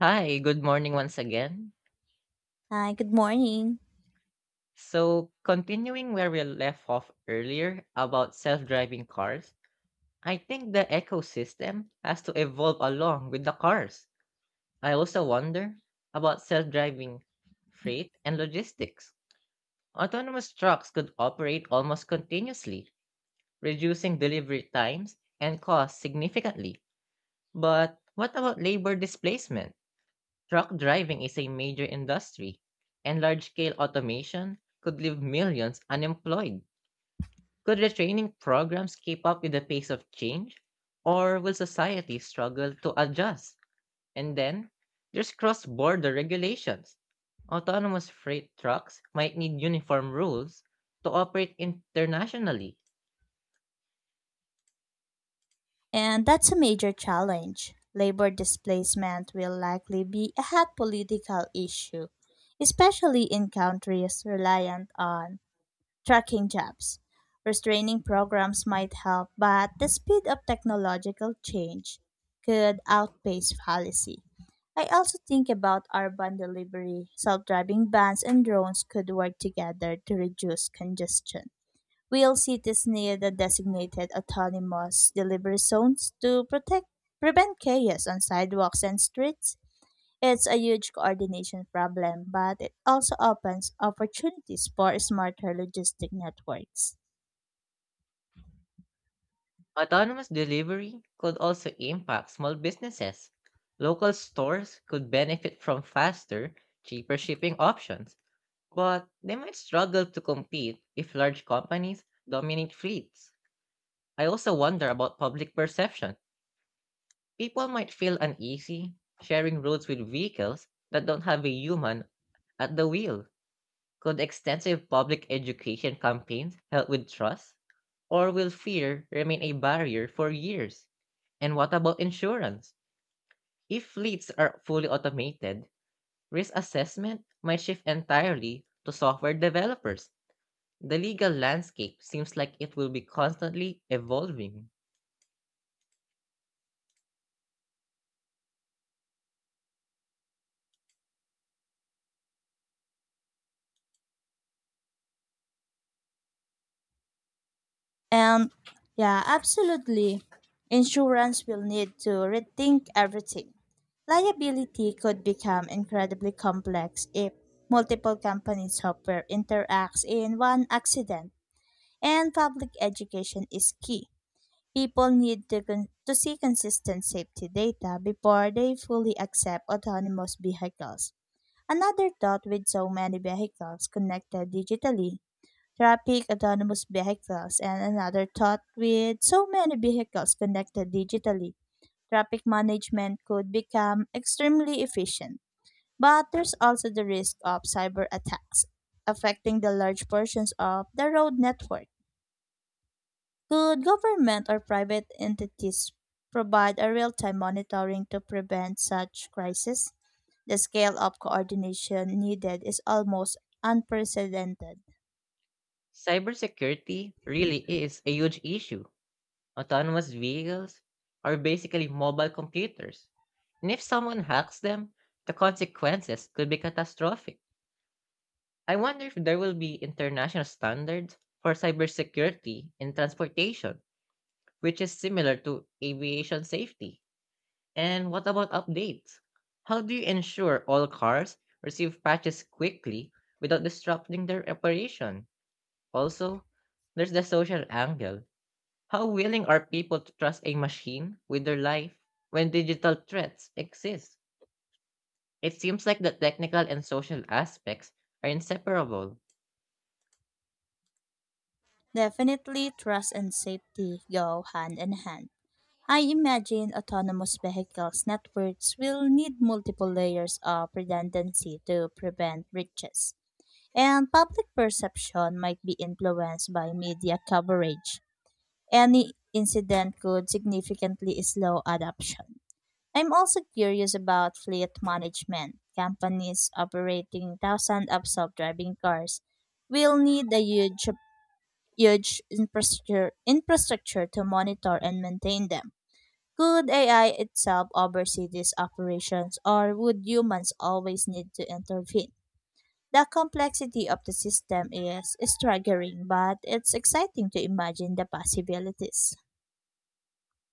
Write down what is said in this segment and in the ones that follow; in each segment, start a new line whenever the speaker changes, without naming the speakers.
Hi, good morning once again.
Hi, good morning.
So, continuing where we left off earlier about self driving cars, I think the ecosystem has to evolve along with the cars. I also wonder about self driving freight and logistics. Autonomous trucks could operate almost continuously, reducing delivery times and costs significantly. But what about labor displacement? Truck driving is a major industry, and large scale automation could leave millions unemployed. Could retraining programs keep up with the pace of change, or will society struggle to adjust? And then, there's cross border regulations. Autonomous freight trucks might need uniform rules to operate internationally.
And that's a major challenge. Labor displacement will likely be a hot political issue, especially in countries reliant on trucking jobs. Restraining programs might help, but the speed of technological change could outpace policy. I also think about urban delivery. Self driving vans and drones could work together to reduce congestion. Will cities need a designated autonomous delivery zones to protect prevent chaos on sidewalks and streets? It's a huge coordination problem, but it also opens opportunities for smarter logistic networks.
Autonomous delivery could also impact small businesses. Local stores could benefit from faster, cheaper shipping options, but they might struggle to compete if large companies dominate fleets. I also wonder about public perception. People might feel uneasy sharing roads with vehicles that don't have a human at the wheel. Could extensive public education campaigns help with trust? Or will fear remain a barrier for years? And what about insurance? If fleets are fully automated, risk assessment might shift entirely to software developers. The legal landscape seems like it will be constantly evolving.
And yeah, absolutely. Insurance will need to rethink everything. Liability could become incredibly complex if multiple companies' software interacts in one accident. And public education is key. People need to see consistent safety data before they fully accept autonomous vehicles. Another thought with so many vehicles connected digitally, traffic autonomous vehicles, and another thought, with so many vehicles connected digitally, traffic management could become extremely efficient. But there's also the risk of cyber attacks affecting the large portions of the road network. Could government or private entities provide a real time monitoring to prevent such crises? The scale of coordination needed is almost unprecedented.
Cybersecurity really is a huge issue. Autonomous vehicles are basically mobile computers, and if someone hacks them, the consequences could be catastrophic. I wonder if there will be international standards for cybersecurity in transportation, which is similar to aviation safety. And what about updates? How do you ensure all cars receive patches quickly without disrupting their operation? Also, there's the social angle. How willing are people to trust a machine with their life when digital threats exist? It seems like the technical and social aspects are inseparable.
Definitely, trust and safety go hand in hand. I imagine autonomous vehicles networks will need multiple layers of redundancy to prevent breaches, and public perception might be influenced by media coverage. Any incident could significantly slow adoption. I'm also curious about fleet management. Companies operating thousands of self-driving cars will need a huge infrastructure to monitor and maintain them. Could AI itself oversee these operations, or would humans always need to intervene? The complexity of the system is staggering, but it's exciting to imagine the possibilities.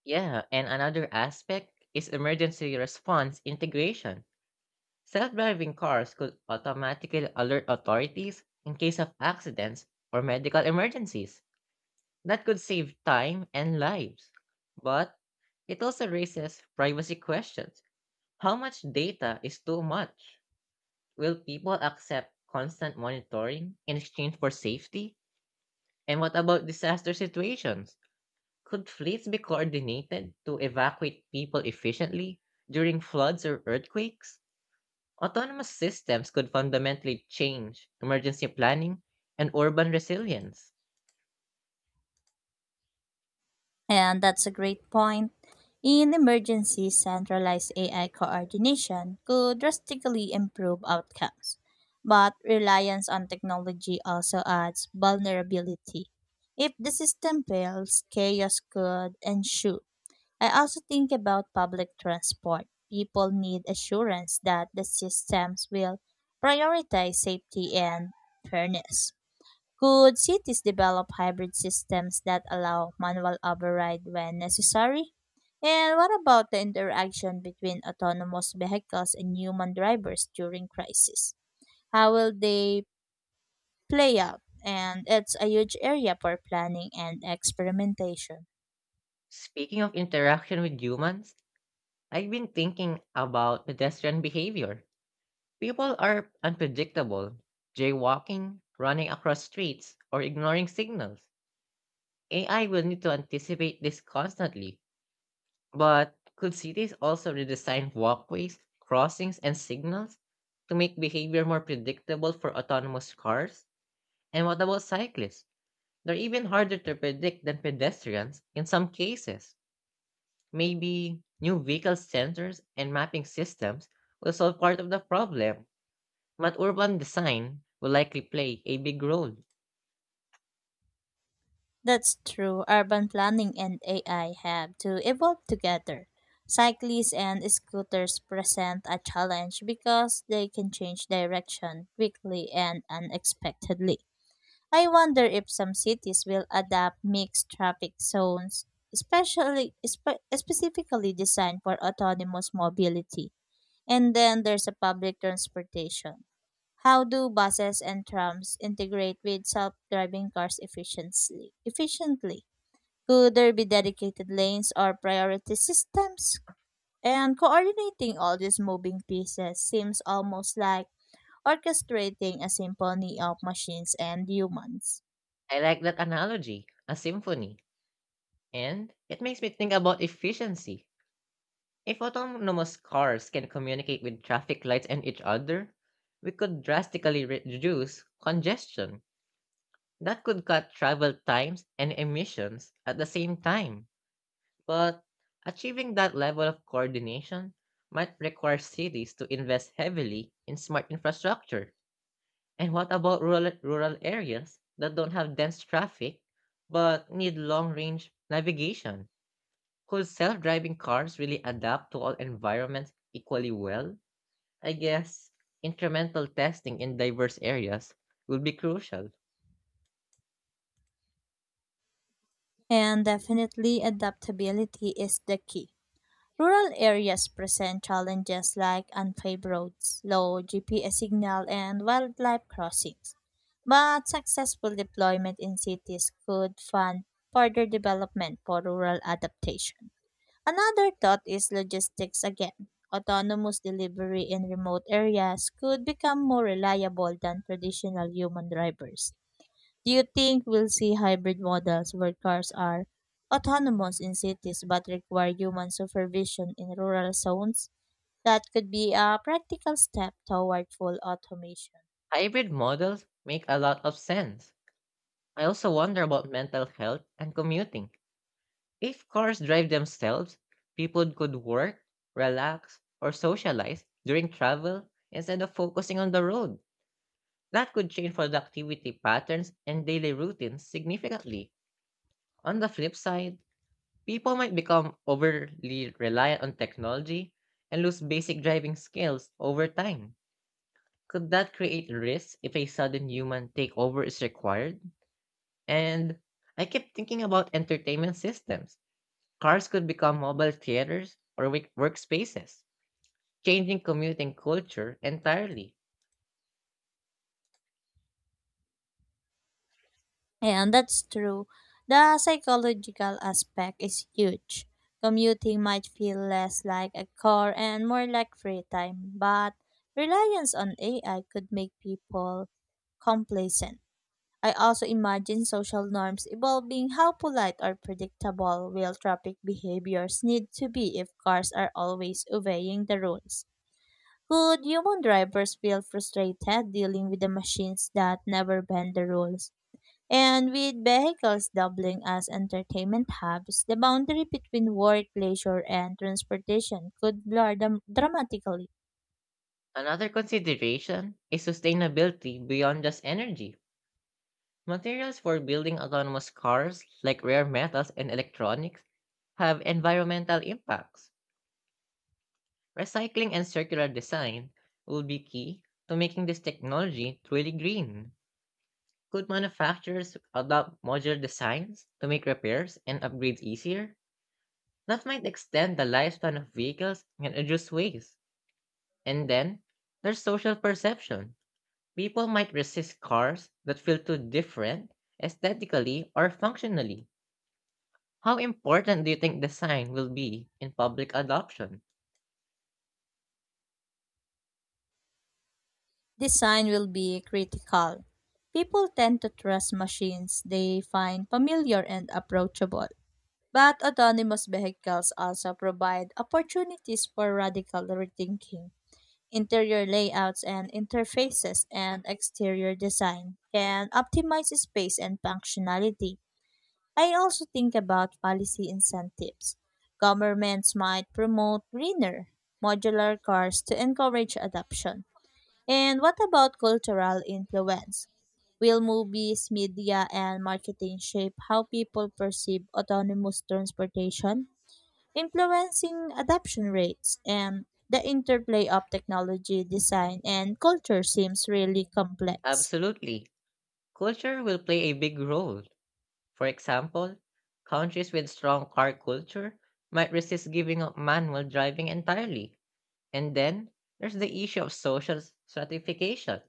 Yeah, and another aspect is emergency response integration. Self-driving cars could automatically alert authorities in case of accidents or medical emergencies. That could save time and lives. But it also raises privacy questions. How much data is too much? Will people accept constant monitoring in exchange for safety? And what about disaster situations? Could fleets be coordinated to evacuate people efficiently during floods or earthquakes? Autonomous systems could fundamentally change emergency planning and urban resilience.
And that's a great point. In emergencies, centralized AI coordination could drastically improve outcomes. But reliance on technology also adds vulnerability. If the system fails, chaos could ensue. I also think about public transport. People need assurance that the systems will prioritize safety and fairness. Could cities develop hybrid systems that allow manual override when necessary? And what about the interaction between autonomous vehicles and human drivers during crisis? How will they play out? And it's a huge area for planning and experimentation.
Speaking of interaction with humans, I've been thinking about pedestrian behavior. People are unpredictable, jaywalking, running across streets, or ignoring signals. AI will need to anticipate this constantly. But could cities also redesign walkways, crossings, and signals to make behavior more predictable for autonomous cars? And what about cyclists? They're even harder to predict than pedestrians in some cases. Maybe new vehicle sensors and mapping systems will solve part of the problem, but urban design will likely play a big role.
That's true. Urban planning and AI have to evolve together. Cyclists and scooters present a challenge because they can change direction quickly and unexpectedly. I wonder if some cities will adopt mixed traffic zones, specifically designed for autonomous mobility. And then there's a public transportation. How do buses and trams integrate with self-driving cars efficiently? Efficiently. Could there be dedicated lanes or priority systems? And coordinating all these moving pieces seems almost like orchestrating a symphony of machines and humans.
I like that analogy, a symphony, and it makes me think about efficiency. If autonomous cars can communicate with traffic lights and each other, we could drastically reduce congestion. That could cut travel times and emissions at the same time. But achieving that level of coordination might require cities to invest heavily in smart infrastructure. And what about rural areas that don't have dense traffic but need long range navigation? Could self driving cars really adapt to all environments equally well? I guess incremental testing in diverse areas will be crucial.
And definitely, adaptability is the key. Rural areas present challenges like unpaved roads, low GPS signal, and wildlife crossings. But successful deployment in cities could fund further development for rural adaptation. Another thought is logistics again. Autonomous delivery in remote areas could become more reliable than traditional human drivers. Do you think we'll see hybrid models where cars are autonomous in cities but require human supervision in rural zones? That could be a practical step toward full automation.
Hybrid models make a lot of sense. I also wonder about mental health and commuting. If cars drive themselves, people could work, relax, or socialize during travel instead of focusing on the road. That could change productivity patterns and daily routines significantly. On the flip side, people might become overly reliant on technology and lose basic driving skills over time. Could that create risks if a sudden human takeover is required? And I kept thinking about entertainment systems. Cars could become mobile theaters or workspaces, changing commuting culture entirely.
And that's true. The psychological aspect is huge. Commuting might feel less like a chore and more like free time, but reliance on AI could make people complacent. I also imagine social norms evolving. How polite or predictable will traffic behaviors need to be if cars are always obeying the rules? Could human drivers feel frustrated dealing with the machines that never bend the rules? And with vehicles doubling as entertainment hubs, the boundary between work, leisure, and transportation could blur dramatically.
Another consideration is sustainability beyond just energy. Materials for building autonomous cars, like rare metals and electronics, have environmental impacts. Recycling and circular design will be key to making this technology truly green. Could manufacturers adopt modular designs to make repairs and upgrades easier? That might extend the lifespan of vehicles and reduce waste. And then, there's social perception. People might resist cars that feel too different aesthetically or functionally. How important do you think design will be in public adoption?
Design will be critical. People tend to trust machines they find familiar and approachable. But autonomous vehicles also provide opportunities for radical rethinking. Interior layouts and interfaces and exterior design can optimize space and functionality. I also think about policy incentives. Governments might promote greener, modular cars to encourage adoption. And what about cultural influence? Will movies, media, and marketing shape how people perceive autonomous transportation, influencing adoption rates? And the interplay of technology, design, and culture seems really complex.
Absolutely. Culture will play a big role. For example, countries with strong car culture might resist giving up manual driving entirely. And then, there's the issue of social stratification.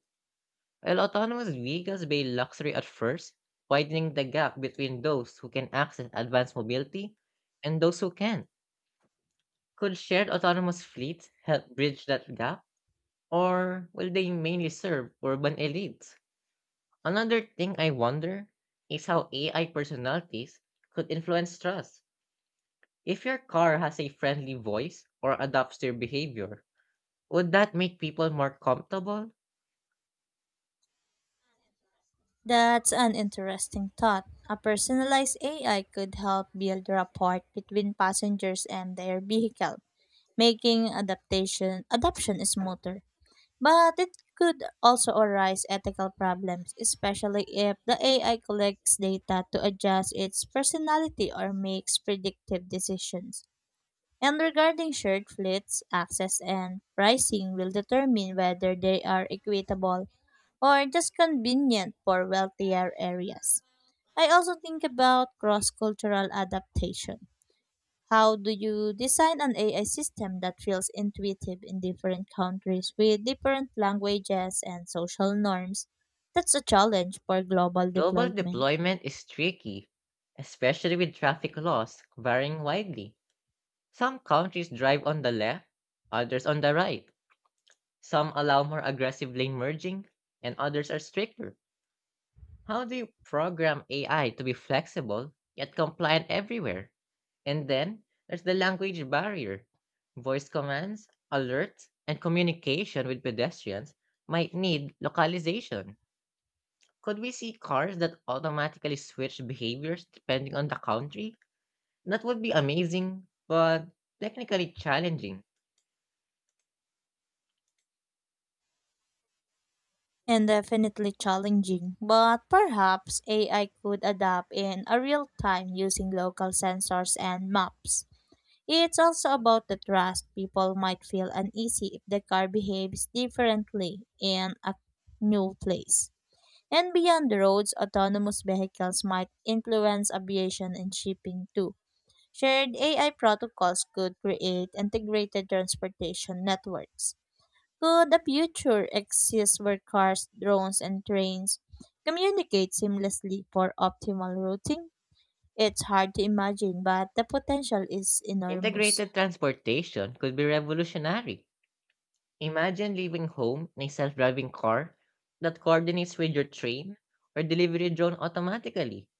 While autonomous vehicles may be a luxury at first, widening the gap between those who can access advanced mobility and those who can't. Could shared autonomous fleets help bridge that gap, or will they mainly serve urban elites? Another thing I wonder is how AI personalities could influence trust. If your car has a friendly voice or adapts to your behavior, would that make people more comfortable?
That's an interesting thought. A personalized AI could help build rapport between passengers and their vehicle, making adaptation adoption smoother. But it could also arise ethical problems, especially if the AI collects data to adjust its personality or makes predictive decisions. And regarding shared fleets, access and pricing will determine whether they are equitable or just convenient for wealthier areas. I also think about cross-cultural adaptation. How do you design an AI system that feels intuitive in different countries with different languages and social norms? That's a challenge for global
Global
deployment.
deployment is tricky, especially with traffic laws varying widely. Some countries drive on the left, others on the right. Some allow more aggressive lane merging, and others are stricter. How do you program AI to be flexible yet compliant everywhere? And then there's the language barrier. Voice commands, alerts, and communication with pedestrians might need localization. Could we see cars that automatically switch behaviors depending on the country? That would be amazing, but technically challenging.
And definitely challenging, but perhaps AI could adapt in a real time using local sensors and maps. It's also about the trust. People might feel uneasy if the car behaves differently in a new place. And beyond the roads, autonomous vehicles might influence aviation and shipping too. Shared AI protocols could create integrated transportation networks. Could a future exist where cars, drones, and trains communicate seamlessly for optimal routing? It's hard to imagine, but the potential is enormous.
Integrated transportation could be revolutionary. Imagine leaving home in a self driving car that coordinates with your train or delivery drone automatically.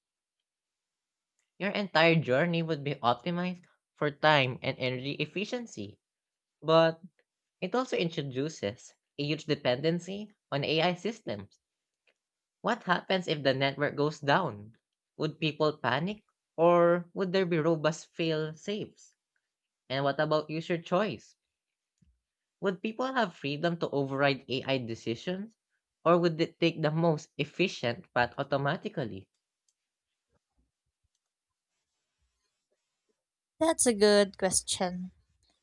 Your entire journey would be optimized for time and energy efficiency, but it also introduces a huge dependency on AI systems. What happens if the network goes down? Would people panic? Or would there be robust fail safes? And what about user choice? Would people have freedom to override AI decisions? Or would it take the most efficient path automatically?
That's a good question.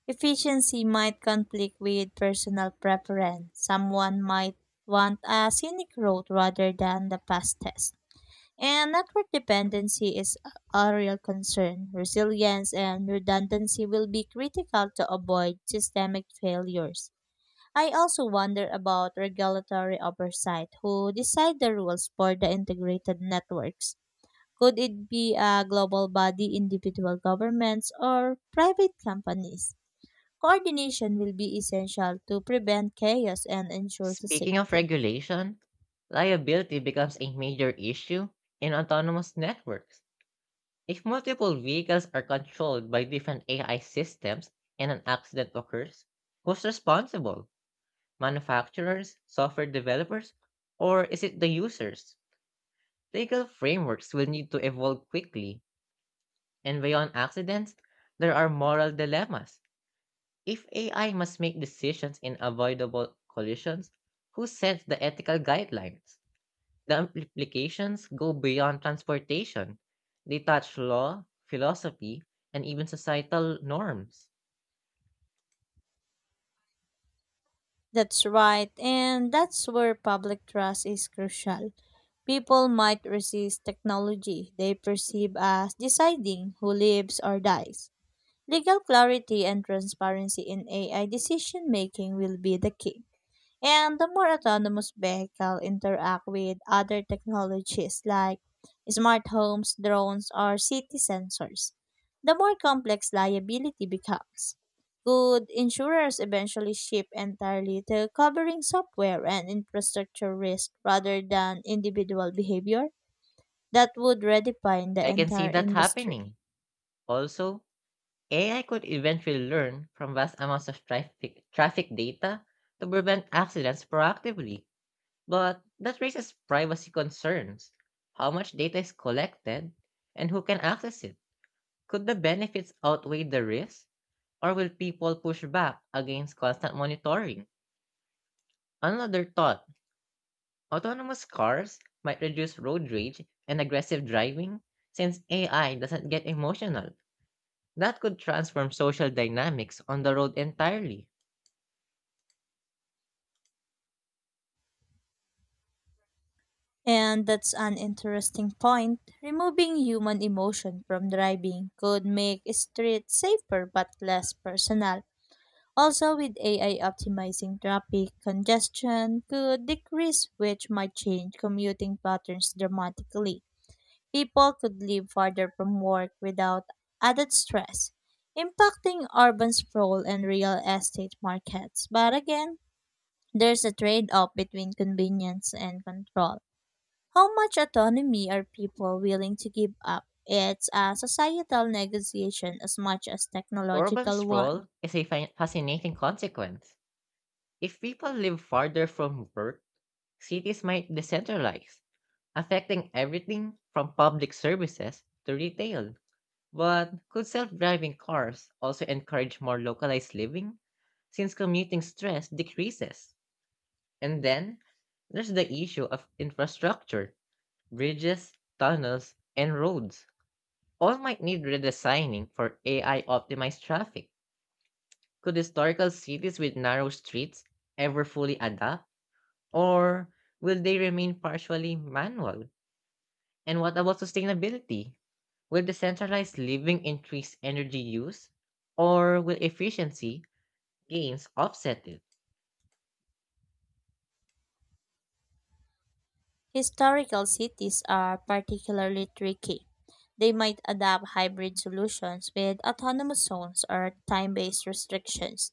Efficiency might conflict with personal preference. Someone might want a scenic road rather than the fastest. And network dependency is a real concern. Resilience and redundancy will be critical to avoid systemic failures. I also wonder about regulatory oversight. Who decide the rules for the integrated networks? Could it be a global body, individual governments, or private companies? Coordination will be essential to prevent chaos and ensure the
Speaking of
safety.
regulation, liability becomes a major issue in autonomous networks. If multiple vehicles are controlled by different AI systems and an accident occurs, who's responsible? Manufacturers, software developers, or is it the users? Legal frameworks will need to evolve quickly, and beyond accidents, there are moral dilemmas. If AI must make decisions in avoidable collisions, who sets the ethical guidelines? The implications go beyond transportation. They touch law, philosophy, and even societal norms.
That's right, and that's where public trust is crucial. People might resist technology they perceive as deciding who lives or dies. Legal clarity and transparency in AI decision making will be the key. And the more autonomous vehicles interact with other technologies like smart homes, drones, or city sensors, the more complex liability becomes. Could insurers eventually shift entirely to covering software and infrastructure risk rather than individual behavior? That would redefine the
I can see
entire
that
industry.
happening. Also, AI could eventually learn from vast amounts of traffic data to prevent accidents proactively, but that raises privacy concerns. How much data is collected and who can access it? Could the benefits outweigh the risks, or will people push back against constant monitoring? Another thought, autonomous cars might reduce road rage and aggressive driving since AI doesn't get emotional. That could transform social dynamics on the road entirely.
And that's an interesting point. Removing human emotion from driving could make streets safer but less personal. Also, with AI optimizing traffic, congestion could decrease, which might change commuting patterns dramatically. People could live farther from work without added stress, impacting urban sprawl and real estate markets. But again, there's a trade off between convenience and control. How much autonomy are people willing to give up? It's a societal negotiation as much as
Urban
technological one.
sprawl is a fascinating consequence. If people live farther from work, cities might decentralize, affecting everything from public services to retail. But could self driving cars also encourage more localized living, since commuting stress decreases? And then there's the issue of infrastructure, bridges, tunnels, and roads. All might need redesigning for AI optimized traffic. Could historical cities with narrow streets ever fully adapt, or will they remain partially manual? And what about sustainability? Will decentralized living increase energy use, or will efficiency gains offset it?
Historical cities are particularly tricky. They might adopt hybrid solutions with autonomous zones or time based restrictions.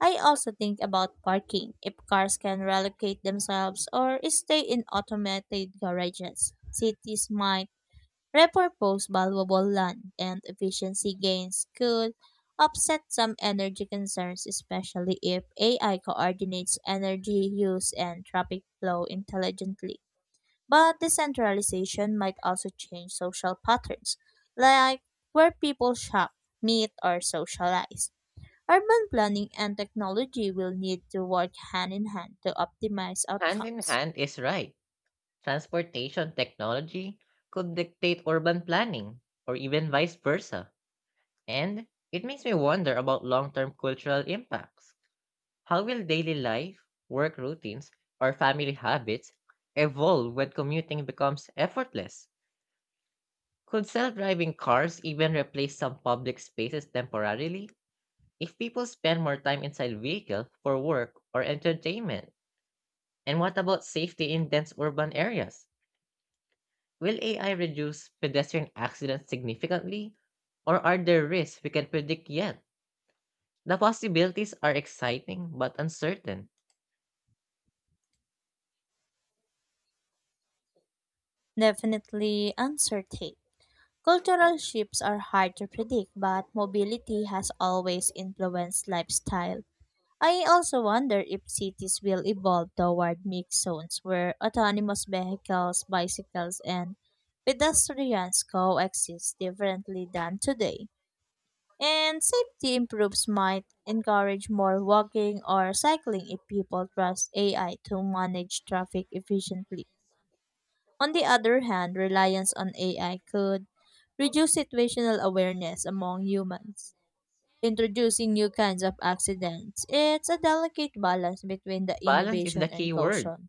I also think about parking, if cars can relocate themselves or stay in automated garages. Cities might repurpose valuable land, and efficiency gains could offset some energy concerns, especially if AI coordinates energy use and traffic flow intelligently. But decentralization might also change social patterns, like where people shop, meet, or socialize. Urban planning and technology will need to work hand in hand to optimize
Hand in
outcomes.
hand is right. Transportation technology could dictate urban planning, or even vice versa. And it makes me wonder about long term cultural impacts. How will daily life, work routines, or family habits evolve when commuting becomes effortless? Could self driving cars even replace some public spaces temporarily, if people spend more time inside vehicle for work or entertainment? And what about safety in dense urban areas? Will AI reduce pedestrian accidents significantly? Or are there risks we can predict yet? The possibilities are exciting but uncertain.
Definitely uncertain. Cultural shifts are hard to predict, but mobility has always influenced lifestyle. I also wonder if cities will evolve toward mixed zones where autonomous vehicles, bicycles, and pedestrians coexist differently than today. And safety improves might encourage more walking or cycling if people trust AI to manage traffic efficiently. On the other hand, reliance on AI could reduce situational awareness among humans, introducing new kinds of accidents. It's a delicate balance between the
Balance is the
innovation
key
and
word.
caution.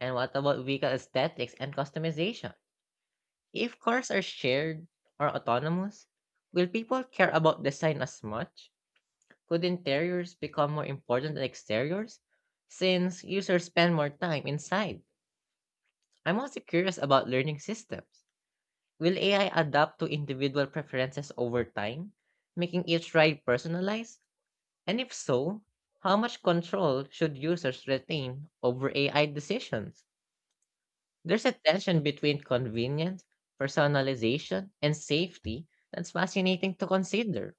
And what about vehicle aesthetics and customization? If cars are shared or autonomous, will people care about design as much? Could interiors become more important than exteriors since users spend more time inside? I'm also curious about learning systems. Will AI adapt to individual preferences over time, making each ride personalized? And if so, how much control should users retain over AI decisions? There's a tension between convenience, personalization, and safety that's fascinating to consider.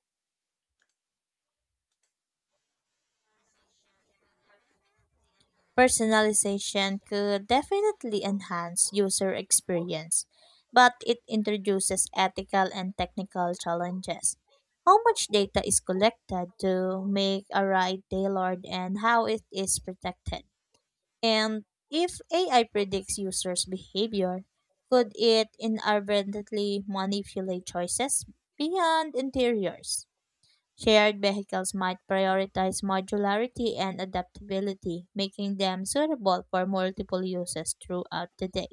Personalization could definitely enhance user experience, but it introduces ethical and technical challenges. How much data is collected to make a ride tailored and how it is protected? And if AI predicts users' behavior, could it inadvertently manipulate choices beyond interiors? Shared vehicles might prioritize modularity and adaptability, making them suitable for multiple uses throughout the day.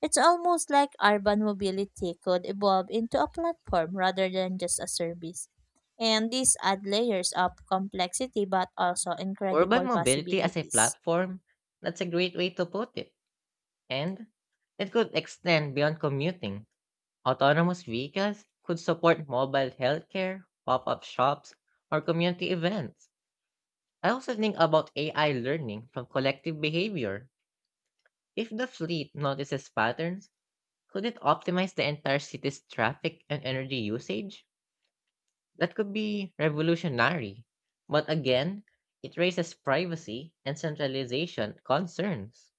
It's almost like urban mobility could evolve into a platform rather than just a service. And these add layers of complexity but also
Urban
incredible
mobility as a
possibilities.
platform, that's a great way to put it. And it could extend beyond commuting. Autonomous vehicles could support mobile healthcare, pop up shops, or community events. I also think about AI learning from collective behavior. If the fleet notices patterns, could it optimize the entire city's traffic and energy usage? That could be revolutionary. But again, it raises privacy and centralization concerns.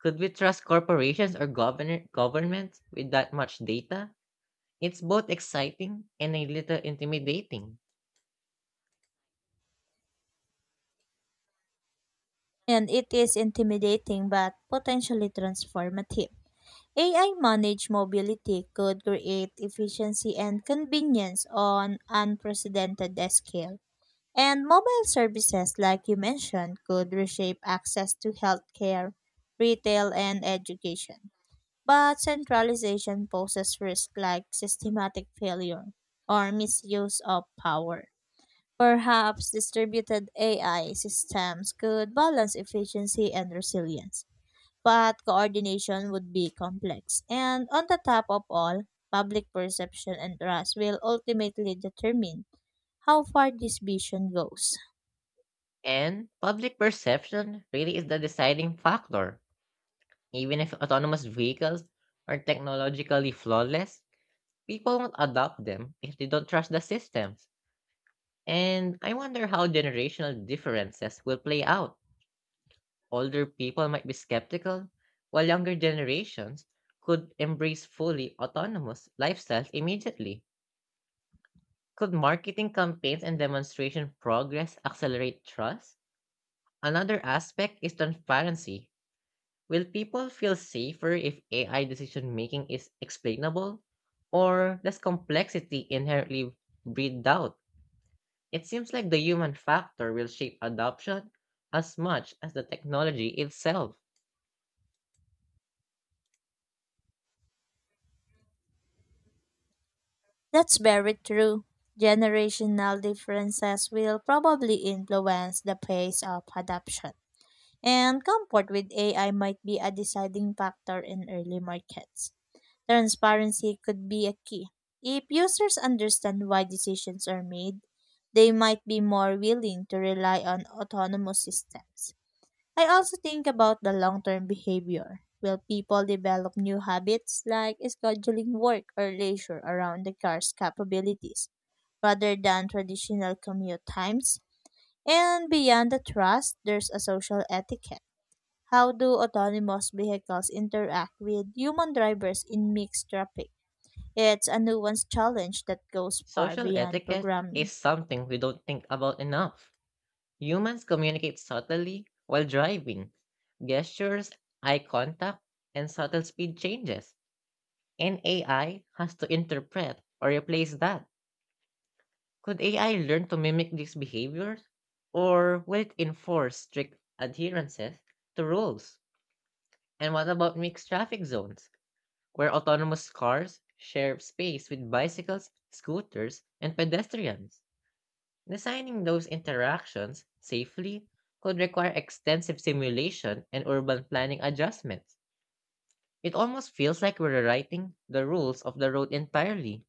Could we trust corporations or governments with that much data? It's both exciting and a little intimidating.
And it is intimidating but potentially transformative. AI managed mobility could create efficiency and convenience on unprecedented scale. And mobile services, like you mentioned, could reshape access to healthcare, retail, and education. But centralization poses risks like systematic failure or misuse of power. Perhaps distributed AI systems could balance efficiency and resilience, but coordination would be complex. And on the top of all, public perception and trust will ultimately determine how far this vision goes.
And public perception really is the deciding factor. Even if autonomous vehicles are technologically flawless, people won't adopt them if they don't trust the systems. And I wonder how generational differences will play out. Older people might be skeptical, while younger generations could embrace fully autonomous lifestyles immediately. Could marketing campaigns and demonstration progress accelerate trust? Another aspect is transparency. Will people feel safer if AI decision making is explainable? Or does complexity inherently breed doubt? It seems like the human factor will shape adoption as much as the technology itself.
That's very true. Generational differences will probably influence the pace of adoption, and comfort with AI might be a deciding factor in early markets. Transparency could be a key. If users understand why decisions are made, they might be more willing to rely on autonomous systems. I also think about the long term behavior. Will people develop new habits like scheduling work or leisure around the car's capabilities rather than traditional commute times? And beyond the trust, there's a social etiquette. How do autonomous vehicles interact with human drivers in mixed traffic? It's a nuanced challenge that goes far
Social
beyond
etiquette is
programming.
something we don't think about enough. Humans communicate subtly while driving. Gestures, eye contact, and subtle speed changes. And AI has to interpret or replace that. Could AI learn to mimic these behaviors? Or will it enforce strict adherences to rules? And what about mixed traffic zones, where autonomous cars share space with bicycles, scooters, and pedestrians? Designing those interactions safely could require extensive simulation and urban planning adjustments. It almost feels like we're rewriting the rules of the road entirely.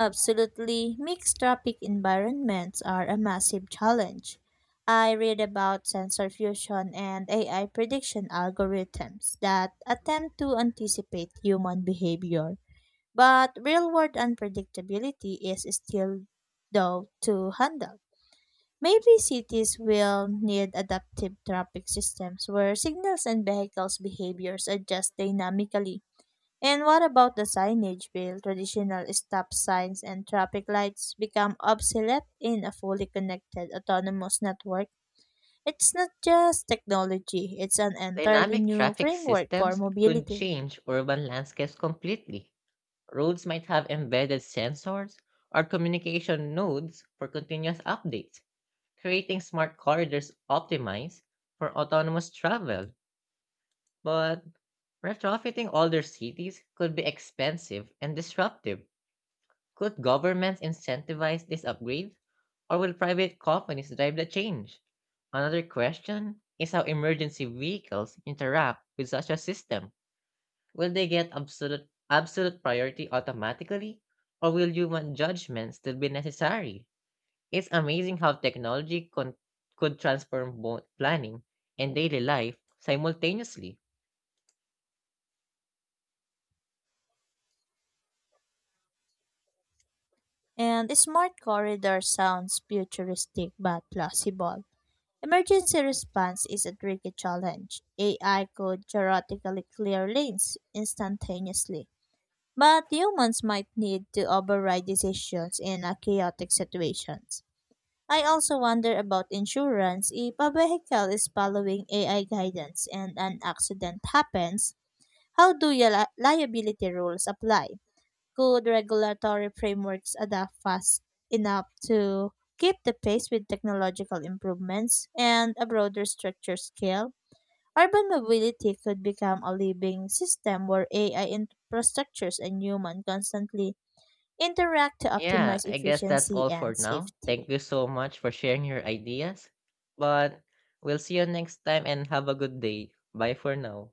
Absolutely, mixed tropic environments are a massive challenge. I read about sensor fusion and AI prediction algorithms that attempt to anticipate human behavior, but real world unpredictability is still though to handle. Maybe cities will need adaptive traffic systems where signals and vehicles' behaviors adjust dynamically. And what about the signage, Bill? Traditional stop signs and traffic lights become obsolete in a fully connected autonomous network. It's not just technology, it's an entirely
Dynamic
new
traffic
framework for
systems could
mobility.
change urban landscapes completely. Roads might have embedded sensors or communication nodes for continuous updates, creating smart corridors optimized for autonomous travel. But retrofitting older cities could be expensive and disruptive. Could governments incentivize this upgrade? Or will private companies drive the change? Another question is how emergency vehicles interact with such a system. Will they get absolute priority automatically? Or will human judgment still be necessary? It's amazing how technology could transform both planning and daily life simultaneously.
And smart corridor sounds futuristic but plausible. Emergency response is a tricky challenge. AI could theoretically clear lanes instantaneously. But humans might need to override decisions in a chaotic situations. I also wonder about insurance. If a vehicle is following AI guidance and an accident happens, how do your liability rules apply? Could regulatory frameworks adapt fast enough to keep the pace with technological improvements and a broader structure scale? Urban mobility could become a living system where AI infrastructures and human constantly interact to
Yeah,
optimize
I guess that's
efficiency
all for
and
now.
safety.
Thank you so much for sharing your ideas. But we'll see you next time and have a good day. Bye for now.